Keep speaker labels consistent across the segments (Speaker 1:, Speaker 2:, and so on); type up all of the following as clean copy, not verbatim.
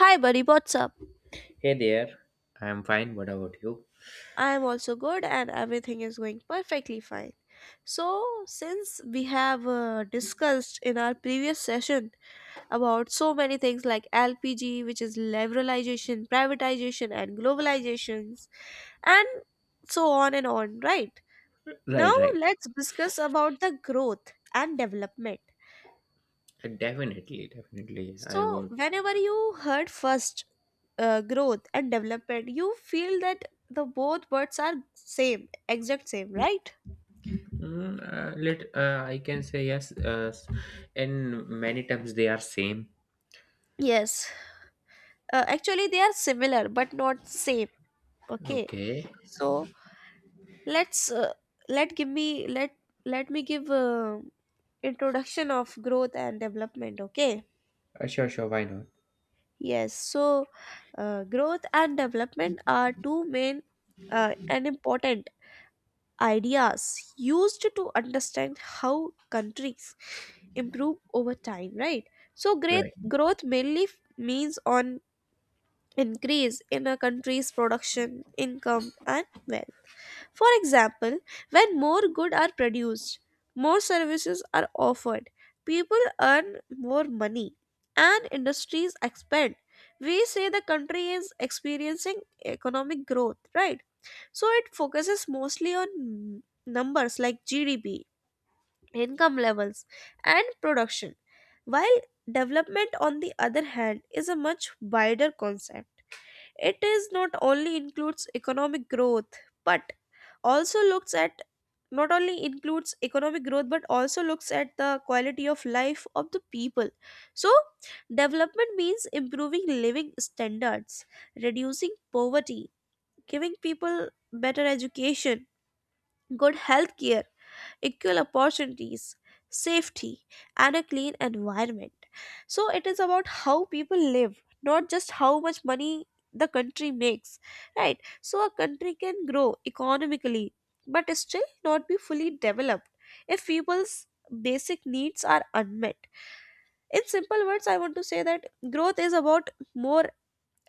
Speaker 1: Hi, buddy, what's up?
Speaker 2: Hey there, I'm fine. What about you?
Speaker 1: I am also good and everything is going perfectly fine. So, since we have discussed in our previous session about so many things like LPG, which is liberalization, privatization, and globalizations, and so on and on, right? Now,
Speaker 2: Right, right.
Speaker 1: let's discuss about the growth and development.
Speaker 2: Definitely, definitely. I
Speaker 1: So,
Speaker 2: would.
Speaker 1: whenever you heard first growth and development, you feel that the both words are same, exact same, right?
Speaker 2: Mm, let I can say yes. And many times they are same.
Speaker 1: Yes. Actually, they are similar but not same. Okay.
Speaker 2: Okay.
Speaker 1: So let's let give me let let me give introduction of growth and development. Okay.
Speaker 2: Sure, sure. Why not?
Speaker 1: Yes. So growth and development are two main and important ideas used to understand how countries improve over time, right? so great
Speaker 2: Right.
Speaker 1: growth mainly means on increase in a country's production, income, and wealth. For example, when more goods are produced, more services are offered, people earn more money, and industries expand, we say the country is experiencing economic growth, right? So it focuses mostly on numbers like GDP, income levels, and production, while development, on the other hand, is a much wider concept. It is not only includes economic growth, but also looks at Not only includes economic growth but also looks at the quality of life of the people. So development means improving living standards, reducing poverty, giving people better education, good health care, equal opportunities, safety, and a clean environment. So it is about how people live, not just how much money the country makes, right? So a country can grow economically but still not be fully developed if people's basic needs are unmet. In simple words, I want to say that growth is about more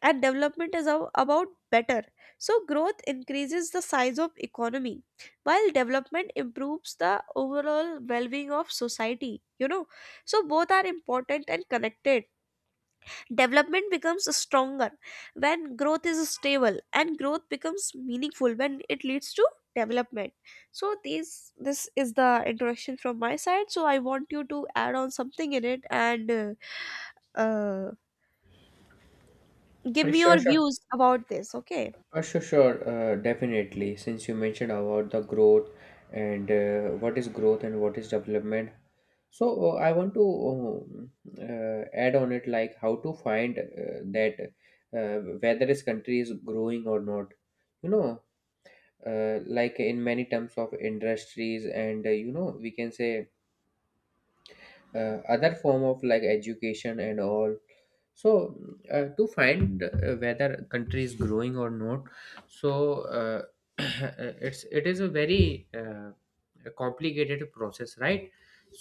Speaker 1: and development is about better. So growth increases the size of economy while development improves the overall well-being of society you know so both are important and connected. Development becomes stronger when growth is stable, and growth becomes meaningful when it leads to development. So these this is the introduction from my side, so I want you to add on something in it, and uh, give me
Speaker 2: Sure,
Speaker 1: your
Speaker 2: sure.
Speaker 1: views about this. Okay.
Speaker 2: Sure, Definitely. Since you mentioned about the growth and what is growth and what is development, so I want to add on it like how to find that whether this country is growing or not. You know, like in many terms of industries, and you know, we can say other form of like education and all. So to find whether country is growing or not. So uh, it is a very a complicated process, right?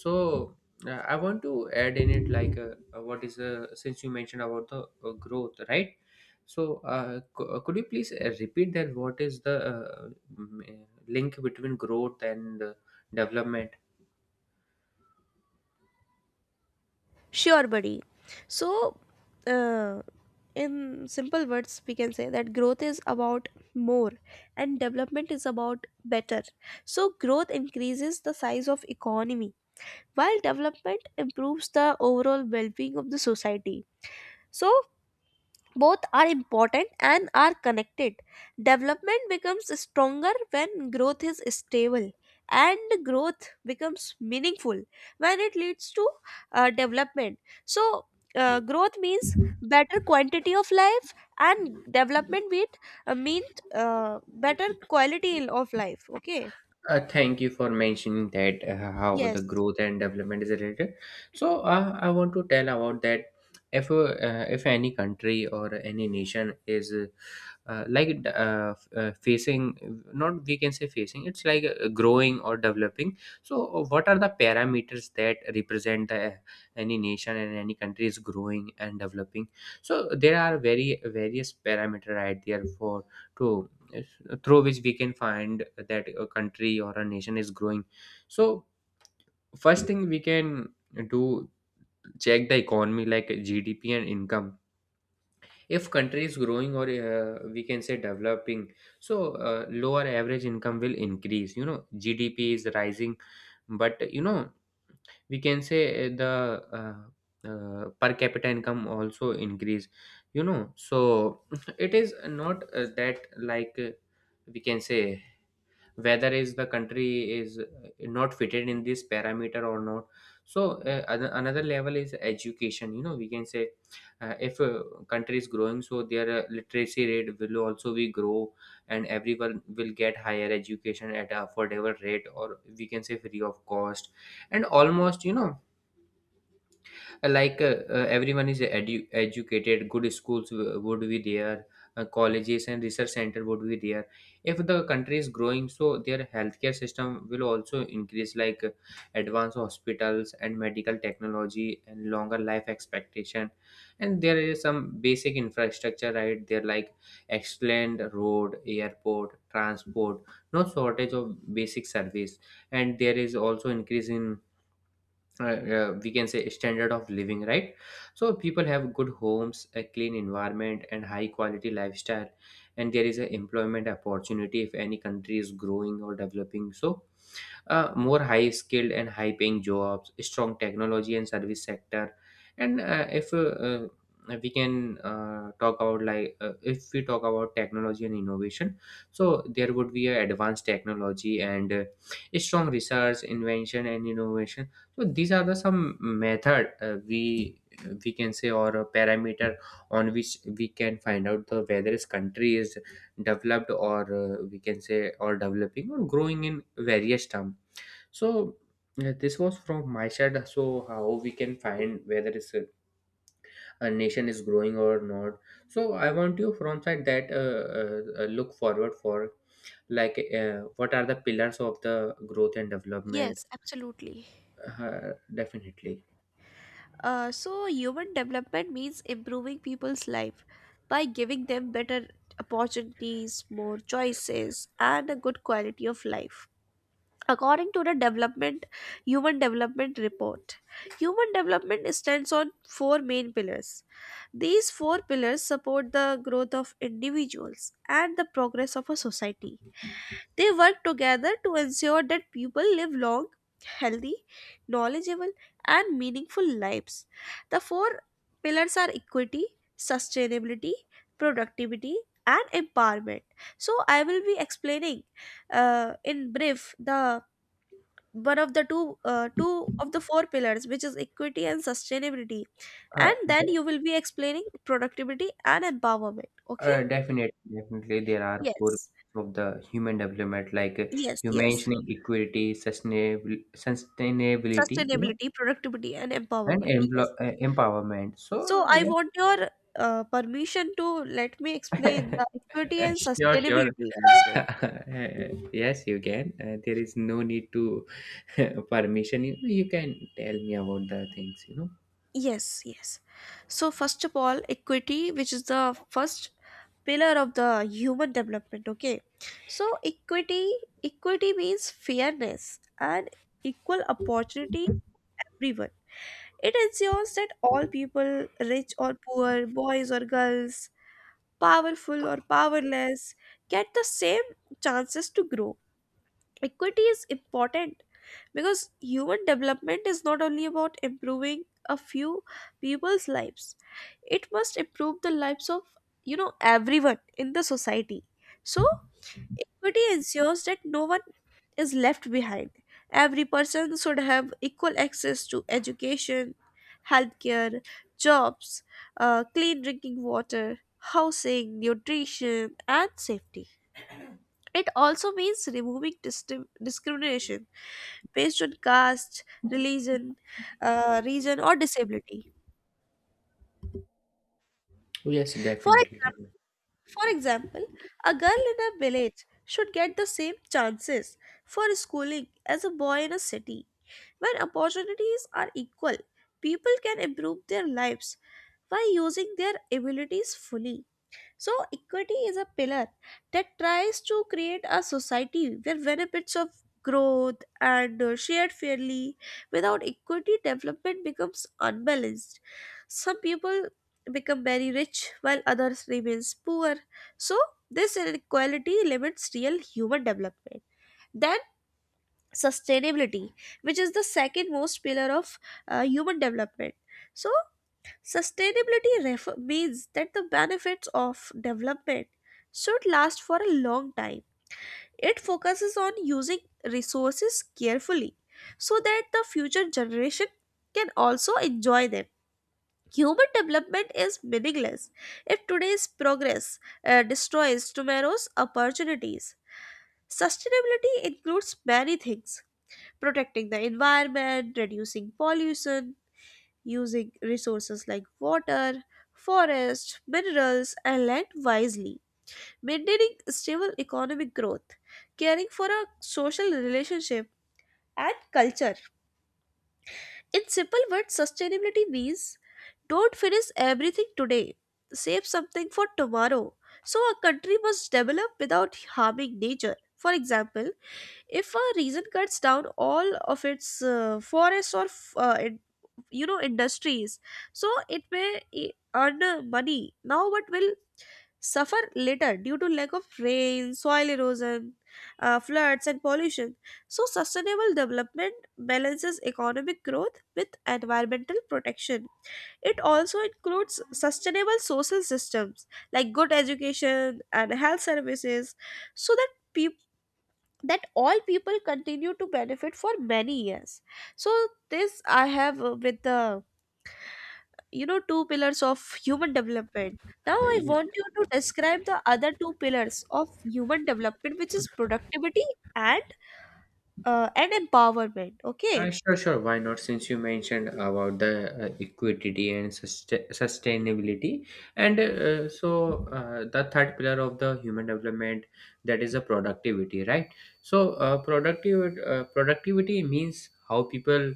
Speaker 2: So I want to add in it like what is since you mentioned about the growth, right? So could you please repeat that what is the m- uh, link between growth and development.
Speaker 1: Sure, buddy. So, uh, in simple words, we can say that growth is about more and development is about better. So, growth increases the size of economy while development improves the overall well-being of the society. So, both are important and are connected. Development becomes stronger when growth is stable, and growth becomes meaningful when it leads to development. So, growth means better quantity of life, and development means better quality of life. Okay.
Speaker 2: Thank you for mentioning that how the
Speaker 1: Yes.
Speaker 2: growth and development is related. So I want to tell about that. If uh, if any country or any nation is like facing, not we can say facing, it's like growing or developing. So what are the parameters that represent the, any nation and any country is growing and developing? So there are very various parameter right there for to. Yes, through which we can find that a country or a nation is growing. So first thing we can do, check the economy like GDP and income. If country is growing or we can say developing. So lower average income will increase, you know, GDP is rising, but you know, we can say the per capita income also increase, you know. So it is not that like we can say whether is the country is not fitted in this parameter or not. So another level is education, you know. We can say if a country is growing, so their literacy rate will also be grow and everyone will get higher education at a affordable rate, or we can say free of cost, and almost, you know, everyone is educated. Good schools would be there, colleges and research center would be there. If the country is growing, so their healthcare system will also increase, like advanced hospitals and medical technology and longer life expectation. And there is some basic infrastructure right there, like excellent road, airport, transport, no shortage of basic service. And there is also increase in we can say standard of living, right? So people have good homes, a clean environment and high quality lifestyle. And there is a employment opportunity if any country is growing or developing. So more high skilled and high paying jobs, strong technology and service sector. And if uh, we can talk about like if we talk about technology and innovation, so there would be a advanced technology and strong research, invention and innovation. So these are the some method we can say, or a parameter, on which we can find out the whether this country is developed or we can say, or developing or growing in various term. So this was from my side. So how we can find whether it's a nation is growing or not. So I want you from side that look forward for like what are the pillars of the growth and development?
Speaker 1: Yes, absolutely.
Speaker 2: Definitely.
Speaker 1: So human development means improving people's life by giving them better opportunities, more choices, and a good quality of life. According to the development human development report, human development stands on four main pillars. These four pillars support the growth of individuals and the progress of a society. They work together to ensure that people live long, healthy, knowledgeable, and meaningful lives. The four pillars are equity, sustainability, productivity, and empowerment. So, I will be explaining in brief the one of the two two of the four pillars, which is equity and sustainability, and
Speaker 2: Uh,
Speaker 1: then
Speaker 2: de-
Speaker 1: you will be explaining productivity and empowerment. Okay.
Speaker 2: Definitely, definitely, there are four
Speaker 1: Yes.
Speaker 2: pillars of the human development, like
Speaker 1: yes
Speaker 2: you
Speaker 1: yes
Speaker 2: mentioning equity, sustainability, you know,
Speaker 1: Sustainability, productivity, and
Speaker 2: and
Speaker 1: empowerment. Yes.
Speaker 2: empowerment.
Speaker 1: So
Speaker 2: So,
Speaker 1: I
Speaker 2: yeah.
Speaker 1: want your permission to let me explain the equity and
Speaker 2: Sure, sure.
Speaker 1: sustainability also.
Speaker 2: Yes, you can. There is no need to permission. You can tell me about the things, you know.
Speaker 1: Yes. So first of all, equity, which is the first pillar of the human development. Okay. So equity equity means fairness and equal opportunity for everyone. It ensures that all people, rich or poor, boys or girls, powerful or powerless, get the same chances to grow. Equity is important because human development is not only about improving a few people's lives. It must improve the lives of everyone in the society. So equity ensures that no one is left behind. Every person should have equal access to education, healthcare, jobs, clean drinking water, housing, nutrition, and safety. It also means removing discrimination based on caste, religion, region, or disability.
Speaker 2: Yes,
Speaker 1: For
Speaker 2: definitely.
Speaker 1: example, for example, a girl in a village should get the same chances for schooling as a boy in a city. When opportunities are equal, people can improve their lives by using their abilities fully. So, equity is a pillar that tries to create a society where benefits of growth and shared fairly. Without equity, development becomes unbalanced. Some people become very rich while others remains poor. So, this inequality limits real human development. Then, sustainability, which is the second most pillar of human development. So, sustainability means that the benefits of development should last for a long time. It focuses on using resources carefully so that the future generation can also enjoy them. Human development is meaningless if today's progress destroys tomorrow's opportunities. Sustainability includes many things: protecting the environment, reducing pollution, using resources like water, forests, minerals, and land wisely, maintaining stable economic growth, caring for a social relationship and culture. In simple words, sustainability means don't finish everything today, save something for tomorrow. So, a country must develop without harming nature. For example, if a region cuts down all of its forests or in, industries, so it may earn money now but will suffer later due to lack of rain, soil erosion, floods, and pollution. So sustainable development balances economic growth with environmental protection. It also includes sustainable social systems like good education and health services so that people that all people continue to benefit for many years. So this I have with the you know two pillars of human development Now I
Speaker 2: Definitely.
Speaker 1: want you to describe the other two pillars of human development, which is productivity and empowerment. Okay.
Speaker 2: Sure, sure. Why not? Since you mentioned about the equity and sustainability, and the third pillar of the human development, that is the productivity, right? So, productive productivity means how people,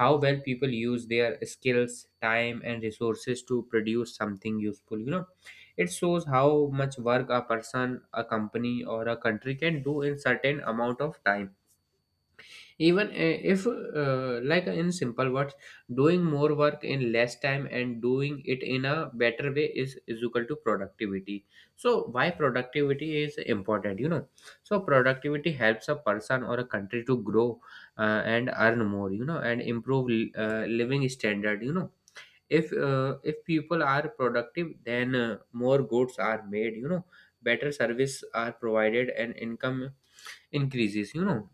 Speaker 2: how well people use their skills, time, and resources to produce something useful. You know, it shows how much work a person, a company, or a country can do in certain amount of time, even if like in simple words, doing more work in less time and doing it in a better way is equal to productivity. So why productivity is important, you know? So productivity helps a person or a country to grow and earn more, you know, and improve living standard, you know. If people are productive, then more goods are made, you know, better service are provided, and income increases, you know.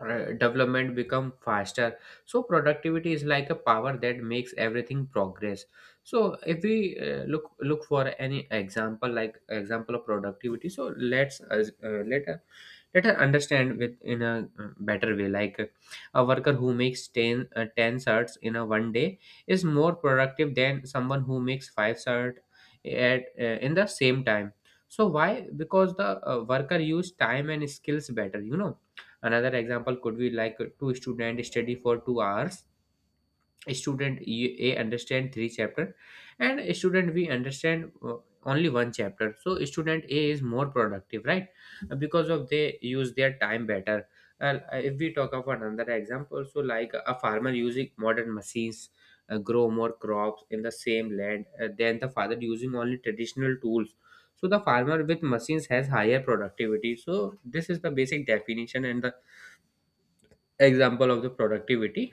Speaker 2: Development become faster. So productivity is like a power that makes everything progress. So if we look for any example, like example of productivity, so let us understand with in a better way, like a worker who makes 10 10 shirts in a one day is more productive than someone who makes five shirts at in the same time. So why? Because the worker use time and skills better, you know. Another example could be like two students study for 2 hours. Student A understand three chapter, and student B understand only one chapter. So student A is more productive, right? Because of they use their time better. And if we talk about another example, so like a farmer using modern machines grow more crops in the same land than the father using only traditional tools. So the farmer with machines has higher productivity. So this is the basic definition and the example of the productivity.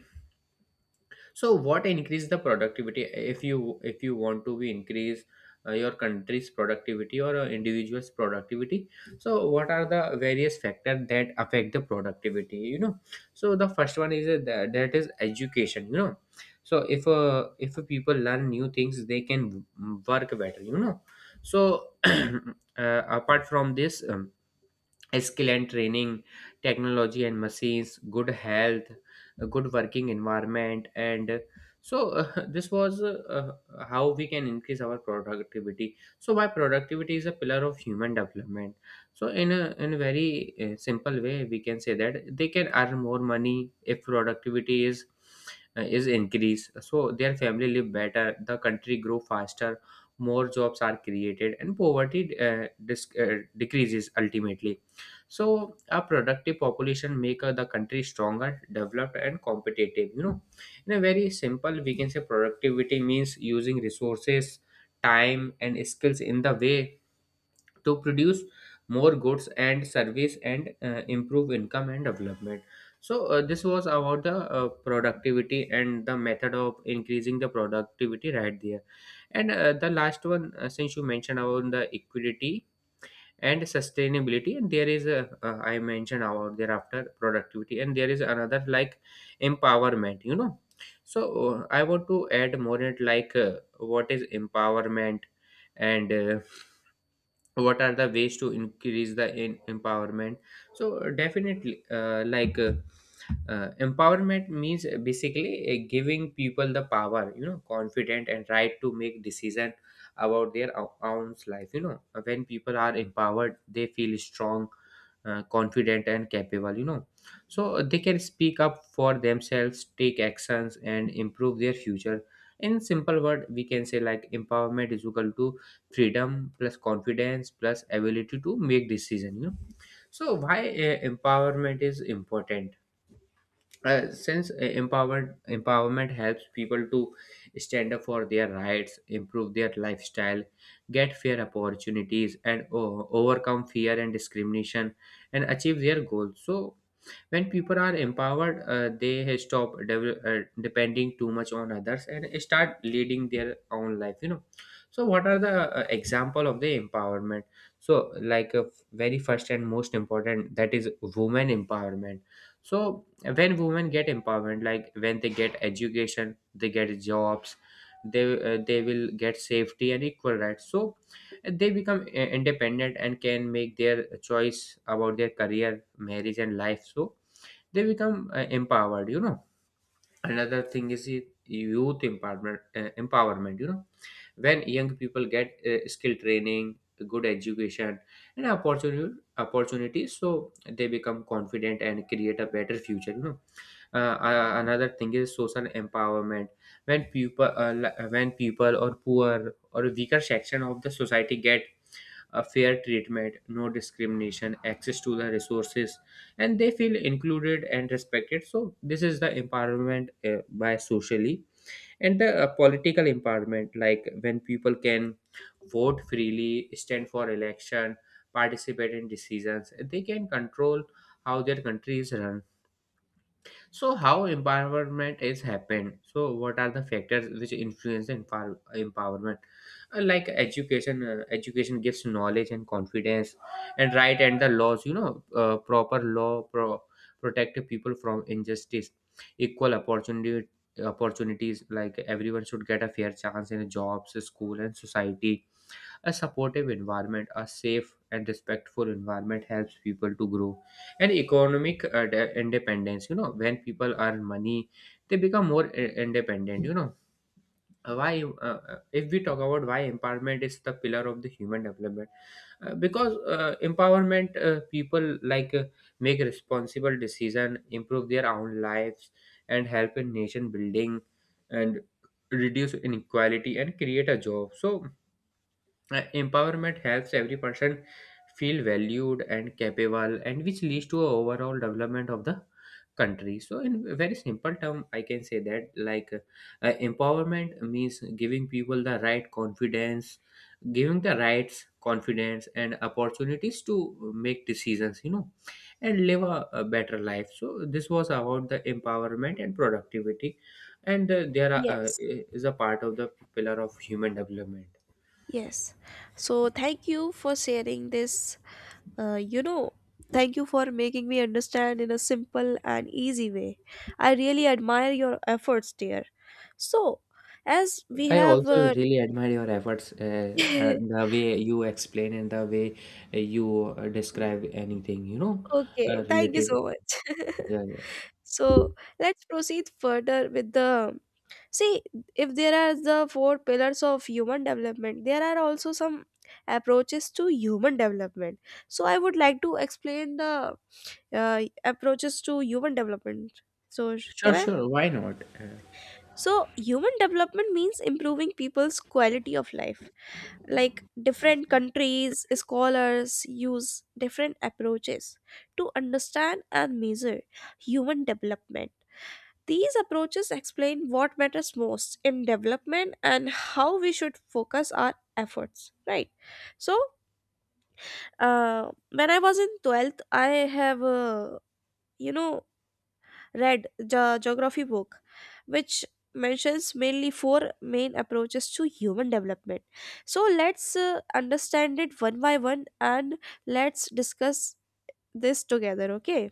Speaker 2: So what increase the productivity, if you want to be increase your country's productivity or individual's productivity? So what are the various factors that affect the productivity, you know? So the first one is that is education, you know. So if people learn new things, they can work better, you know. So apart from this, skill and training, technology and machines, good health, a good working environment, and this was how we can increase our productivity. So why productivity is a pillar of human development? So in a very simple way, we can say that they can earn more money if productivity is increased. So their family live better, the country grow faster, more jobs are created, and poverty decreases ultimately. So a productive population make the country stronger, developed and competitive, you know. In a very simple, we can say productivity means using resources, time and skills in the way to produce more goods and service, and improve income and development. So this was about the productivity and the method of increasing the productivity right there. And the last one, since you mentioned about the equity and sustainability, and there is a I mentioned about thereafter productivity, and there is another like empowerment, you know. So I want to add more in it, like what is empowerment, and what are the ways to increase the empowerment. So definitely, empowerment means basically giving people the power, you know, confident and right to make decision about their own life, you know. When people are empowered, they feel strong, confident and capable, you know. So they can speak up for themselves, take actions and improve their future. In simple word, we can say like empowerment is equal to freedom plus confidence plus ability to make decision, you know. So why empowerment is important? Since empowerment helps people to stand up for their rights, improve their lifestyle, get fair opportunities, and overcome fear and discrimination, and achieve their goals. So when people are empowered, they stop depending too much on others and start leading their own life, you know. So what are the example of the empowerment? So like a very first and most important, that is women empowerment. So when women get empowerment, like when they get education, they get jobs, they they will get safety and equal rights, so they become independent and can make their choice about their career, marriage and life. So they become empowered, you know. Another thing is youth empowerment you know. When young people get skill training, good education, and opportunity opportunities, so they become confident and create a better future. uh, Another thing is social empowerment. When people or poor or weaker section of the society get a fair treatment, no discrimination, access to the resources, and they feel included and respected. So this is the empowerment by socially. And the political empowerment, like when people can vote freely, stand for election, participate in decisions they can control how their country is run. So how empowerment is happened? So what are the factors which influence the empowerment? Like education gives knowledge and confidence, and right and the laws. Proper law protect people from injustice, equal opportunity opportunities. Like everyone should get a fair chance in jobs, school, and society. A supportive environment, a safe and respectful environment helps people to grow. And economic independence. When people earn money, they become more independent. If we talk about why empowerment is the pillar of the human development, because empowerment people like make responsible decision, improve their own lives, and help in nation building, and reduce inequality and create a job. So empowerment helps every person feel valued and capable, and which leads to a overall development of the country. So, in a very simple term, I can say that like empowerment means giving people the right confidence, giving the rights, confidence, and opportunities to make decisions. And live a better life. So, this was about the empowerment and productivity, and there
Speaker 1: Yes.
Speaker 2: is a part of the pillar of human development.
Speaker 1: yes so thank you for sharing this. You know, thank you for making me understand in a simple and easy way. I really admire your efforts, dear. So, as we
Speaker 2: I
Speaker 1: have.
Speaker 2: also really admire your efforts, the way you explain and the way you describe anything,
Speaker 1: Okay, thank you
Speaker 2: related.
Speaker 1: so much.
Speaker 2: Yeah, yeah.
Speaker 1: so, let's proceed further with the. See, if there are the four pillars of human development, there are also some approaches to human development. So, I would like to explain the approaches to human development. So,
Speaker 2: Sure,
Speaker 1: can I?
Speaker 2: sure. Why not?
Speaker 1: So, human development means improving people's quality of life. Like different countries, scholars use different approaches to understand and measure human development. These approaches explain what matters most in development and how we should focus our efforts, right? So, when I was in 12th, I have, you know, read the geography book, which mentions mainly four main approaches to human development. So let's understand it one by one and let's discuss this together, okay?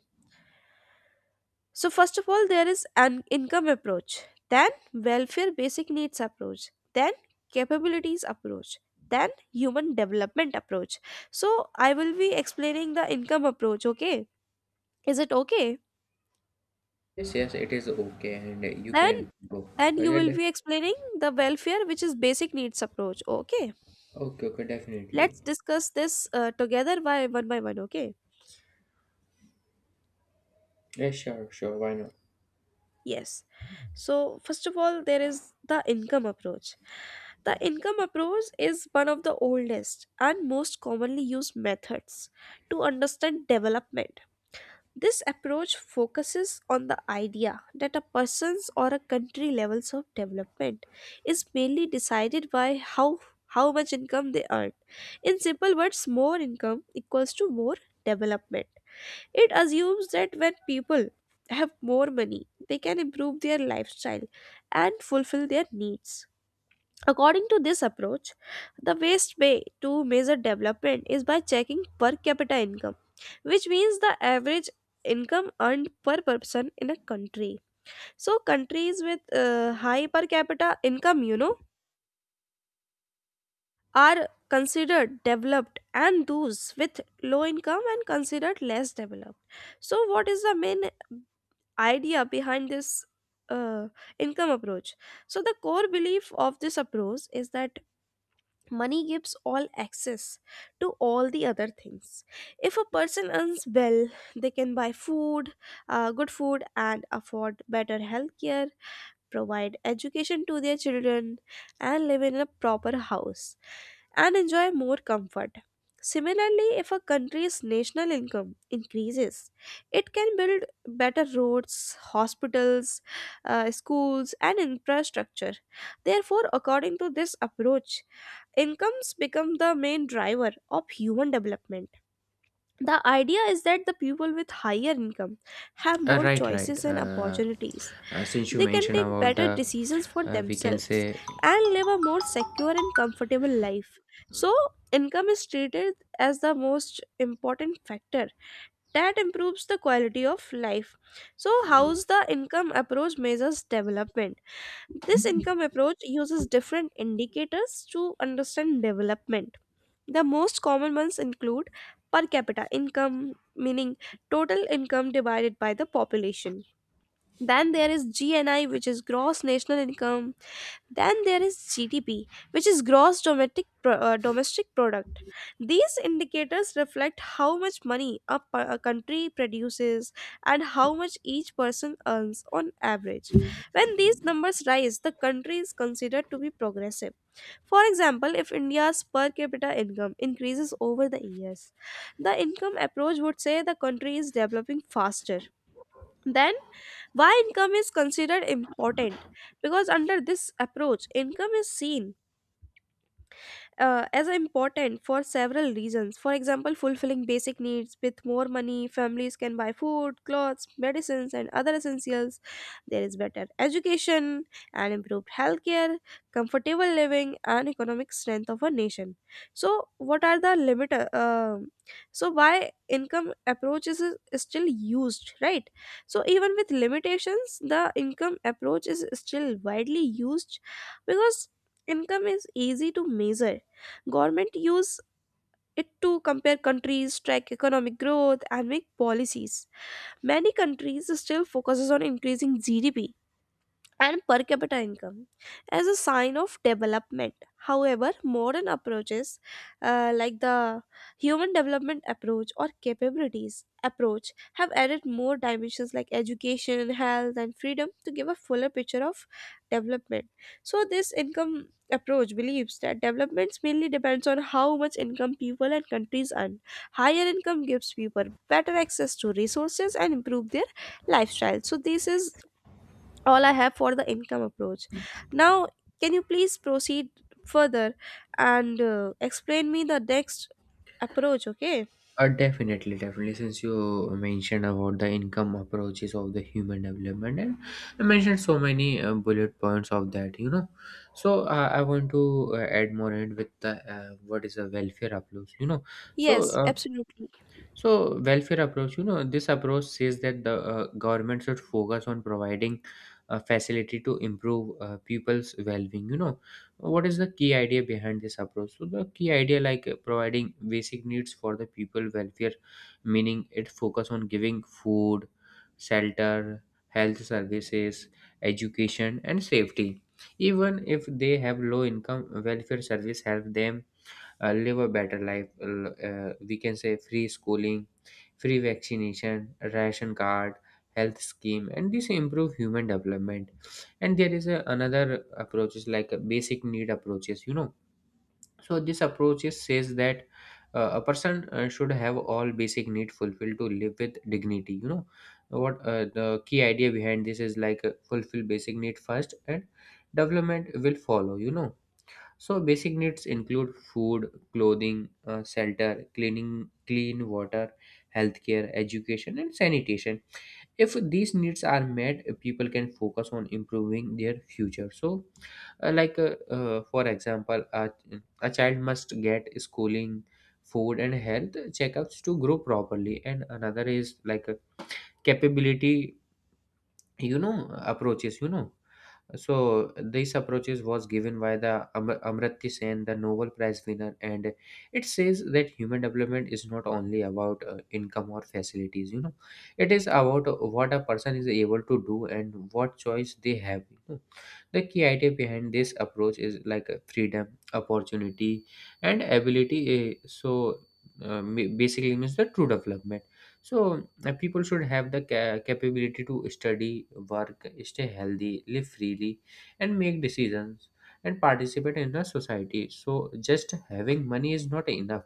Speaker 1: So, first of all, there is an income approach, then welfare basic needs approach, then capabilities approach, then human development approach. So, I will be explaining the income approach, okay? Is it okay?
Speaker 2: Yes, yes, it is okay, and you
Speaker 1: then
Speaker 2: can go.
Speaker 1: then you
Speaker 2: Yeah,
Speaker 1: will be explaining the welfare, which is basic needs approach. Okay.
Speaker 2: okay, okay, definitely.
Speaker 1: Let's discuss this together by one by one. Okay.
Speaker 2: Yeah, sure, sure. Why not?
Speaker 1: Yes. So first of all, there is the income approach. The income approach is one of the oldest and most commonly used methods to understand development. This approach focuses on the idea that a person's or a country levels of development is mainly decided by how much income they earn. In simple words, more income equals to more development. It assumes that when people have more money, they can improve their lifestyle and fulfill their needs. According to this approach, the best way to measure development is by checking per capita income, which means the average income earned per person in a country. So countries with high per capita income are considered developed and those with low income and considered less developed. So what is the main idea behind this uh, income approach? So the core belief of this approach is that money gives all access to all the other things. If a person earns well, they can buy food, good food, and afford better health care, provide education to their children, and live in a proper house and enjoy more comfort. Similarly, if a country's national income increases, it can build better roads, hospitals, schools, and infrastructure. Therefore, according to this approach, incomes become the main driver of human development. The idea is that the people with higher income have more
Speaker 2: Right, right.
Speaker 1: choices and opportunities.
Speaker 2: Since you
Speaker 1: They can
Speaker 2: mentioned
Speaker 1: take
Speaker 2: about
Speaker 1: better decisions for
Speaker 2: we can
Speaker 1: themselves
Speaker 2: say.
Speaker 1: and live a more secure and comfortable life. So, income is treated as the most important factor that improves the quality of life. So, how's the income approach measures development? This income approach uses different indicators to understand development. The most common ones include per capita income, meaning total income divided by the population. Then there is GNI, which is gross national income, then there is GDP, which is gross domestic domestic product. These indicators reflect how much money a country produces and how much each person earns on average. When these numbers rise, the country is considered to be progressive. For example, if India's per capita income increases over the years, the income approach would say the country is developing faster. Then, why income is considered important? Because under this approach, income is seen as important for several reasons. For example, fulfilling basic needs with more money, families can buy food, clothes, medicines, and other essentials. There is better education and improved healthcare, comfortable living, and economic strength of a nation. So, what are the limit? So, why income approach is still used, right? So, even with limitations, the income approach is still widely used because income is easy to measure. Government use it to compare countries, track economic growth, and make policies. Many countries still focuses on increasing GDP and per capita income as a sign of development. However, modern approaches like the human development approach or capabilities approach have added more dimensions like education, health, and freedom to give a fuller picture of development. So, this income approach believes that development mainly depends on how much income people and countries earn. Higher income gives people better access to resources and improve their lifestyle. So, this is all I have for the income approach. Now, can you please proceed further and explain me the next approach? Okay.
Speaker 2: Definitely, definitely. Since you mentioned about the income approaches of the human development, and I mentioned so many bullet points of that. So I want to add more in with the what is a welfare approach. So
Speaker 1: Yes,
Speaker 2: uh,
Speaker 1: absolutely.
Speaker 2: so welfare approach, this approach says that the government should focus on providing a facility to improve people's well-being. What is the key idea behind this approach? So the key idea, like providing basic needs for the people welfare, meaning it focus on giving food, shelter, health services, education, and safety. Even if they have low income, welfare service help them live a better life. We can say free schooling, free vaccination, ration card, health scheme, and this improve human development. And there is another approaches like a basic need approaches. So this approaches says that a person should have all basic need fulfilled to live with dignity. What the key idea behind this is like fulfill basic need first and development will follow. So basic needs include food, clothing, shelter, cleaning, clean water, healthcare, education, and sanitation. If these needs are met, people can focus on improving their future. For example, a child must get schooling, food, and health checkups to grow properly. And another is like capability approaches. So this approaches was given by the Amartya Sen, the Nobel Prize winner, and it says that human development is not only about income or facilities. It is about what a person is able to do and what choice they have. The key idea behind this approach is like freedom opportunity and ability. So basically means the true development. So people should have the capability to study, work, stay healthy, live freely, and make decisions and participate in the society. So just having money is not enough.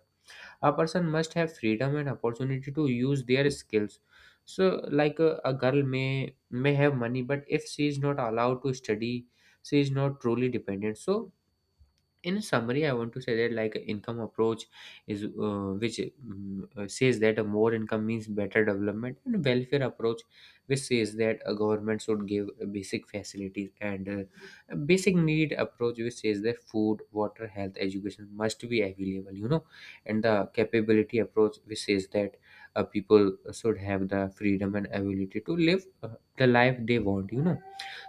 Speaker 2: A person must have freedom and opportunity to use their skills. So like a girl may have money, but if she is not allowed to study, she is not truly dependent. So in summary, I want to say that like income approach is which says that a more income means better development, and welfare approach which says that a government should give basic facilities, and a basic need approach which says that food, water, health, education must be available, and the capability approach which says that people should have the freedom and ability to live the life they want.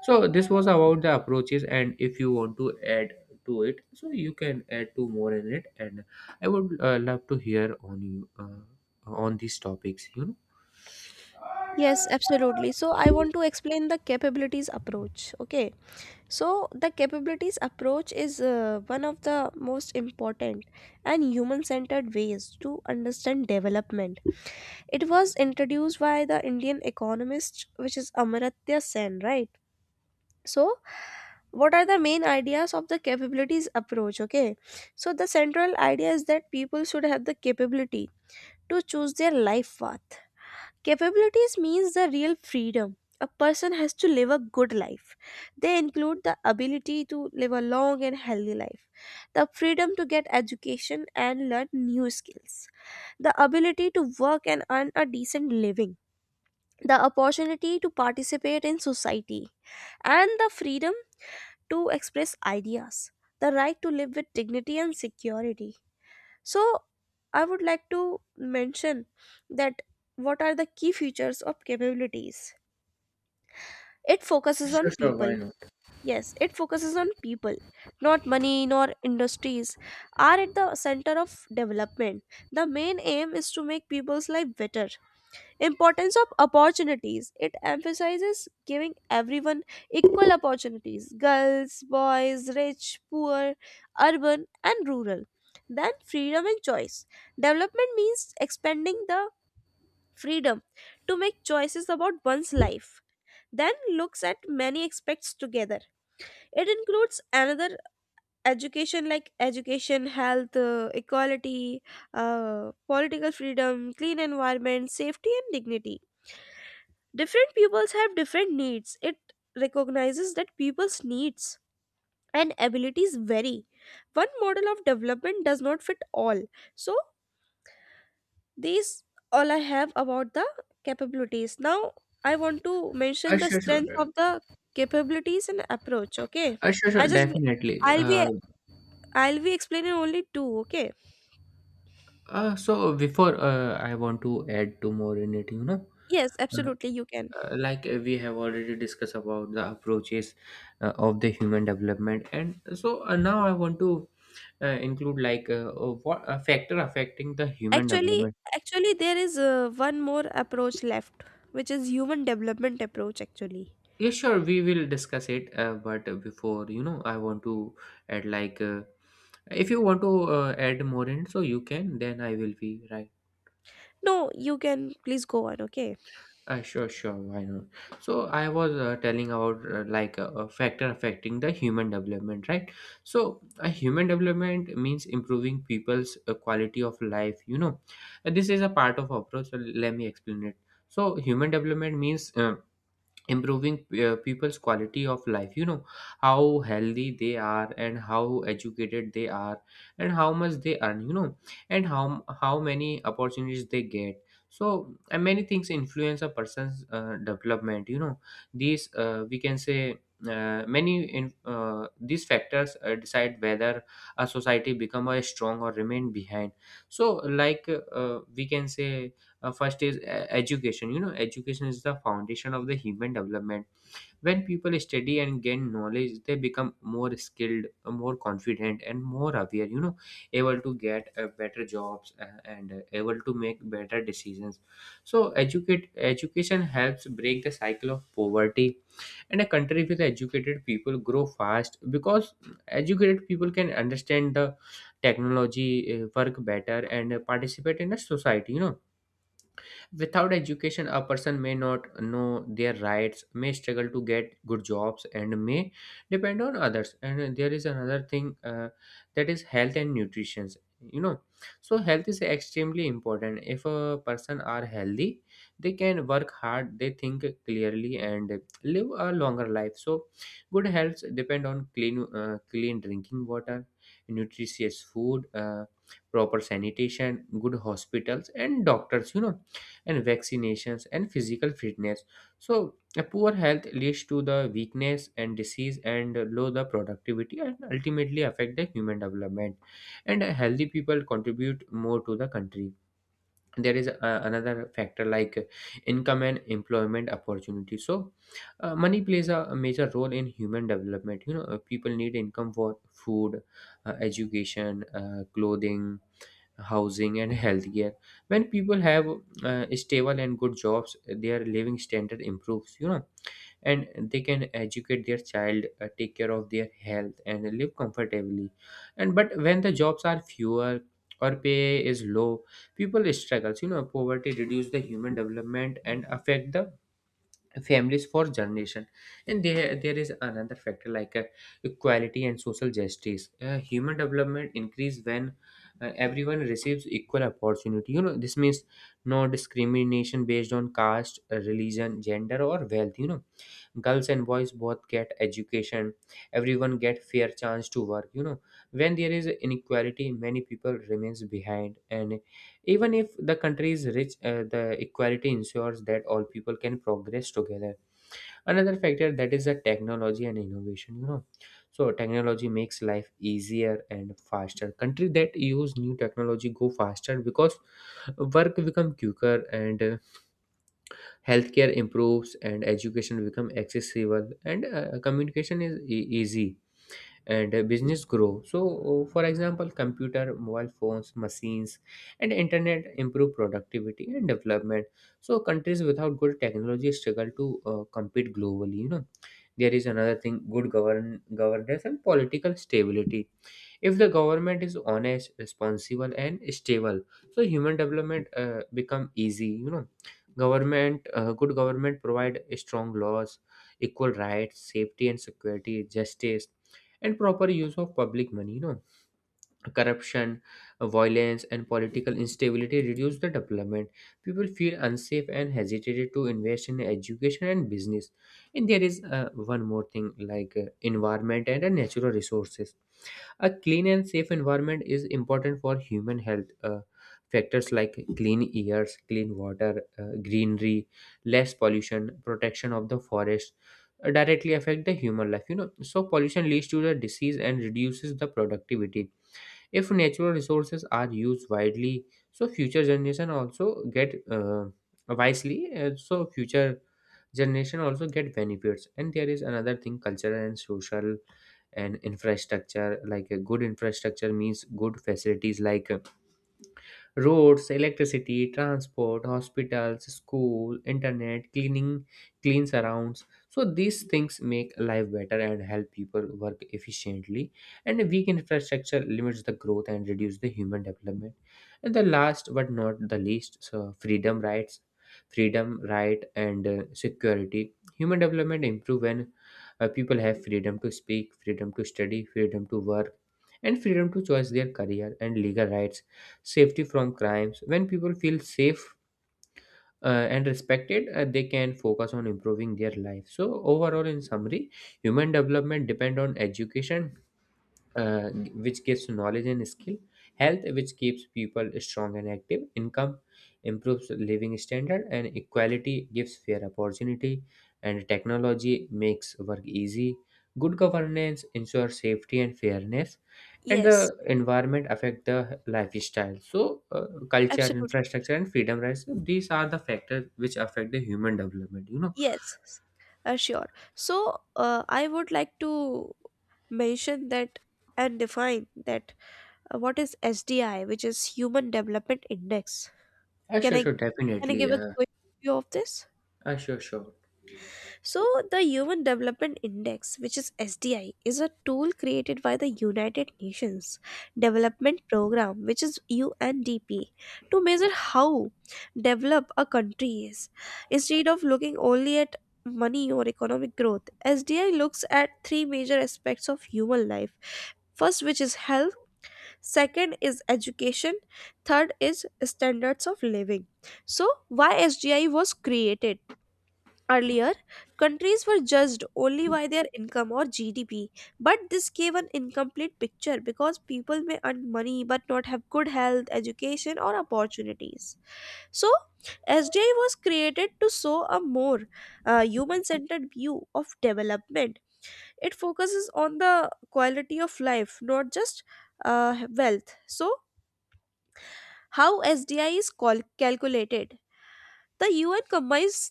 Speaker 2: So this was about the approaches, and if you want to add to it, so you can add two more in it. And I would love to hear on you on these topics.
Speaker 1: Yes, absolutely. So, I want to explain the capabilities approach. Okay. So, the capabilities approach is one of the most important and human centered ways to understand development. It was introduced by the Indian economist, which is Amartya Sen, right? So, what are the main ideas of the capabilities approach, okay? So the central idea is that people should have the capability to choose their life path. Capabilities means the real freedom a person has to live a good life. They include the ability to live a long and healthy life, the freedom to get education and learn new skills, the ability to work and earn a decent living, the opportunity to participate in society, and the freedom to express ideas, the right to live with dignity and security. So, I would like to mention that, what are the key features of capabilities? It focuses on
Speaker 2: Sure, sure, why
Speaker 1: people.
Speaker 2: not?
Speaker 1: Yes, it focuses on people, not money nor industries, are at the center of development. The main aim is to make people's life better. Importance of opportunities. It emphasizes giving everyone equal opportunities: girls, boys, rich, poor, urban, and rural. Then freedom and choice. Development means expanding the freedom to make choices about one's life. Then looks at many aspects together. It includes another education like education, health, equality, political freedom, clean environment, safety, and dignity. Different pupils have different needs. It recognizes that people's needs and abilities vary. One model of development does not fit all. So, these all I have about the capabilities. Now, I want to mention the
Speaker 2: Sure, sure.
Speaker 1: strength of the capabilities and approach, okay?
Speaker 2: Sure,
Speaker 1: I
Speaker 2: sure,
Speaker 1: just
Speaker 2: definitely.
Speaker 1: I'll be I'll be explaining only two, okay?
Speaker 2: So before I want to add two more in it.
Speaker 1: Yes,
Speaker 2: Uh,
Speaker 1: absolutely you can.
Speaker 2: we have already discussed about the approaches of the human development, and so now I want to include like what a factor affecting the human
Speaker 1: Actually,
Speaker 2: development.
Speaker 1: actually, there is one more approach left, which is human development approach actually.
Speaker 2: Yeah, sure, we will discuss it, but before, I want to add, like if you want to add more in, so you can, then I will be right.
Speaker 1: No, you can please go on, okay?
Speaker 2: Sure, sure, why not? So I was telling about like a factor affecting the human development, right? So a human development means improving people's quality of life. And this is a part of approach. So let me explain it. So human development means improving people's quality of life, how healthy they are, and how educated they are, and how much they earn, and how many opportunities they get. So, and many things influence a person's development. These We can say many these factors decide whether a society become a strong or remain behind. So like we can say first is education. Education is the foundation of the human development. When people study and gain knowledge, they become more skilled, more confident, and more aware, able to get better jobs, and able to make better decisions. So educate education helps break the cycle of poverty, and a country with educated people grow fast because educated people can understand the technology, work better, and participate in a society. Without education, a person may not know their rights, may struggle to get good jobs, and may depend on others. And there is another thing, that is health and nutrition. You know, so health is extremely important. If a person are healthy, they can work hard, they think clearly, and live a longer life. So good health depend on clean drinking water, nutritious food. Proper sanitation, good hospitals and doctors, and vaccinations and physical fitness. So, a poor health leads to the weakness and disease and low the productivity and ultimately affect the human development. And healthy people contribute more to the country. There is another factor like income and employment opportunity. So money plays a major role in human development. People need income for food, education, clothing, housing, and healthcare. When people have stable and good jobs, their living standard improves, and they can educate their child, take care of their health, and live comfortably. And but when the jobs are fewer or pay is low, people struggles. Poverty reduce the human development and affect the families for generation. And there is another factor like equality and social justice. Human development increase when everyone receives equal opportunity. This means no discrimination based on caste, religion, gender, or wealth. Girls and boys both get education. Everyone get fair chance to work. When there is inequality, many people remains behind, and even if the country is rich, the equality ensures that all people can progress together. Another factor that is the technology and innovation. So technology makes life easier and faster. Country that use new technology go faster because work become quicker, and healthcare improves, and education become accessible, and communication is easy, and business grow. So for example, computer, mobile phones, machines, and internet improve productivity and development. So countries without good technology struggle to compete globally. There is another thing, good governance and political stability. If the government is honest, responsible, and stable, so human development become easy. Good government provide strong laws, equal rights, safety and security, justice, and proper use of public money. Corruption, violence, and political instability reduce the development. People feel unsafe and hesitated to invest in education and business. And there is one more thing like environment and natural resources. A clean and safe environment is important for human health. Factors like clean airs, clean water, greenery, less pollution, protection of the forest directly affect the human life. So pollution leads to the disease and reduces the productivity. If natural resources are used widely, so future generation also get, wisely, so future generation also get benefits. And there is another thing, cultural and social and infrastructure. Like a good infrastructure means good facilities like, roads, electricity, transport, hospitals, school, internet, cleaning, clean surrounds. So these things make life better and help people work efficiently. And a weak infrastructure limits the growth and reduce the human development. And the last but not the least, so freedom rights, freedom, right, and security. Human development improve when people have freedom to speak, freedom to study, freedom to work, and freedom to choose their career, and legal rights, safety from crimes. When people feel safe, and respected, they can focus on improving their life. So overall, in summary, human development depend on education, uh, which gives knowledge and skill; health, which keeps people strong and active; income improves living standard; and equality gives fair opportunity; and technology makes work easy; good governance ensures safety and fairness; and
Speaker 1: Yes,
Speaker 2: the environment affect the lifestyle; so culture,
Speaker 1: absolutely.
Speaker 2: infrastructure, and freedom rights— these are the factors which affect the human development.
Speaker 1: Yes, sure. So, I would like to mention that and define that what is SDI, which is Human Development Index. Can
Speaker 2: Sure,
Speaker 1: I
Speaker 2: sure,
Speaker 1: can I give
Speaker 2: definitely.
Speaker 1: a quick view of this?
Speaker 2: Sure, sure.
Speaker 1: So, the Human Development Index, which is SDI, is a tool created by the United Nations Development Program, which is UNDP, to measure how developed a country is. Instead of looking only at money or economic growth, SDI looks at three major aspects of human life. First, which is health, second is education, third is standards of living. So, why SDI was created? Earlier, countries were judged only by their income or GDP, but this gave an incomplete picture because people may earn money but not have good health, education, or opportunities. So, SDI was created to show a more human centered view of development. It focuses on the quality of life, not just wealth. So, how SDI is calculated? The UN combines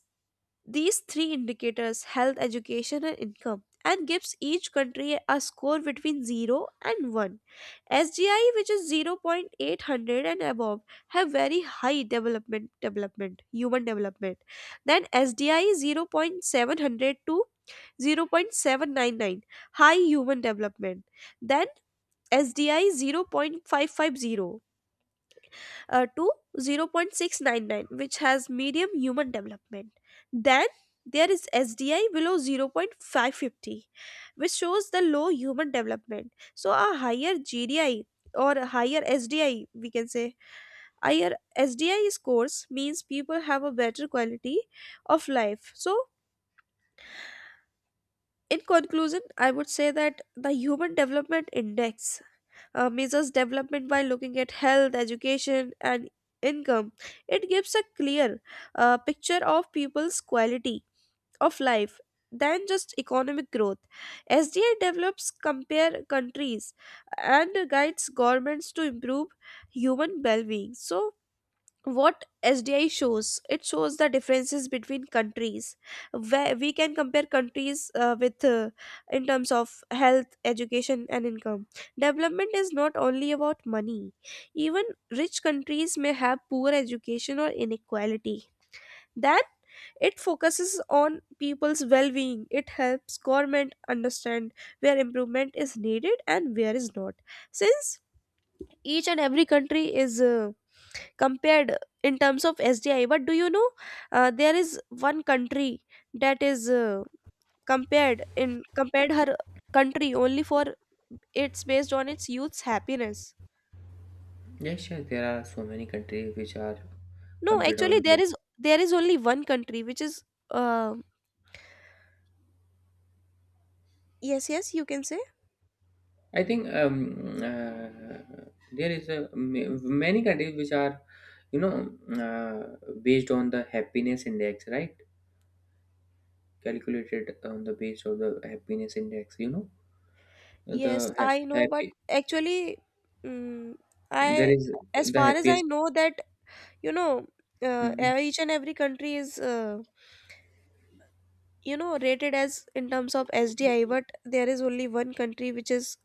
Speaker 1: these three indicators: health, education, and income, and gives each country a score between 0 and 1. SGI, which is zero point eight hundred and above, have very high development, development human development. Then SDI zero point seven hundred to 0.799, high human development. Then SDI 0.550, to 0.699, which has medium human development. Then there is SDI below 0.550, which shows the low human development. So a higher GDI or a higher SDI, we can say, higher SDI scores means people have a better quality of life. So, in conclusion, I would say that the human development index measures development by looking at health, education, and income. It gives a clear picture of people's quality of life than just economic growth. SDI develops compare countries and guides governments to improve human well-being. So what SDI shows, it shows the differences between countries, where we can compare countries with, in terms of health, education, and income. Development is not only about money, even rich countries may have poor education or inequality. Then it focuses on people's well-being. It helps government understand where improvement is needed and where is not. Since each and every country is compared in terms of SDI. But do you know, there is one country that is compared her country only for, it's based on its youth's happiness.
Speaker 2: Yes, yeah, sure. There are so many countries which are
Speaker 1: No,
Speaker 2: compared
Speaker 1: actually
Speaker 2: on
Speaker 1: there
Speaker 2: the.
Speaker 1: is there is only one country which is uh, yes, yes, you can say.
Speaker 2: I think there is many countries which are, you know, uh, based on the happiness index, right? Calculated on the base of the happiness index.
Speaker 1: Yes, I know, but
Speaker 2: Happy.
Speaker 1: actually, mm,
Speaker 2: There
Speaker 1: I
Speaker 2: is
Speaker 1: as
Speaker 2: the
Speaker 1: far as I
Speaker 2: happiest.
Speaker 1: know that, you know
Speaker 2: Mhm.
Speaker 1: each and every country is rated as in terms of SDI, but there is only one country which is,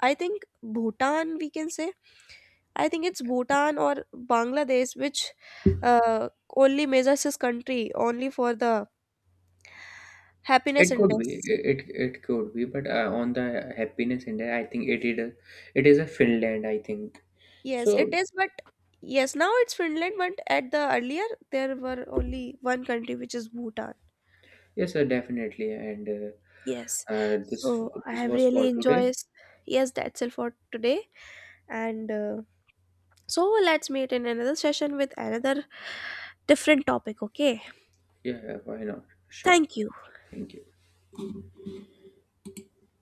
Speaker 1: I think, Bhutan, we can say. I think it's Bhutan or Bangladesh, which uh, only measures this country only for the happiness
Speaker 2: It could be.
Speaker 1: index.
Speaker 2: It could be. But on the happiness index, I think it is. It is a Finland. I think
Speaker 1: Yes it
Speaker 2: so.
Speaker 1: is, but yes, now it's Finland, but at the earlier there were only one country which is Bhutan.
Speaker 2: Yes, sir, definitely. And
Speaker 1: Yes,
Speaker 2: uh, uh, this
Speaker 1: so I
Speaker 2: this
Speaker 1: have
Speaker 2: was
Speaker 1: really
Speaker 2: for today.
Speaker 1: enjoyed. Yes, that's it for today, and so let's meet in another session with another different topic. Okay.
Speaker 2: Yeah, yeah, why not? Sure.
Speaker 1: Thank you.
Speaker 2: Thank you.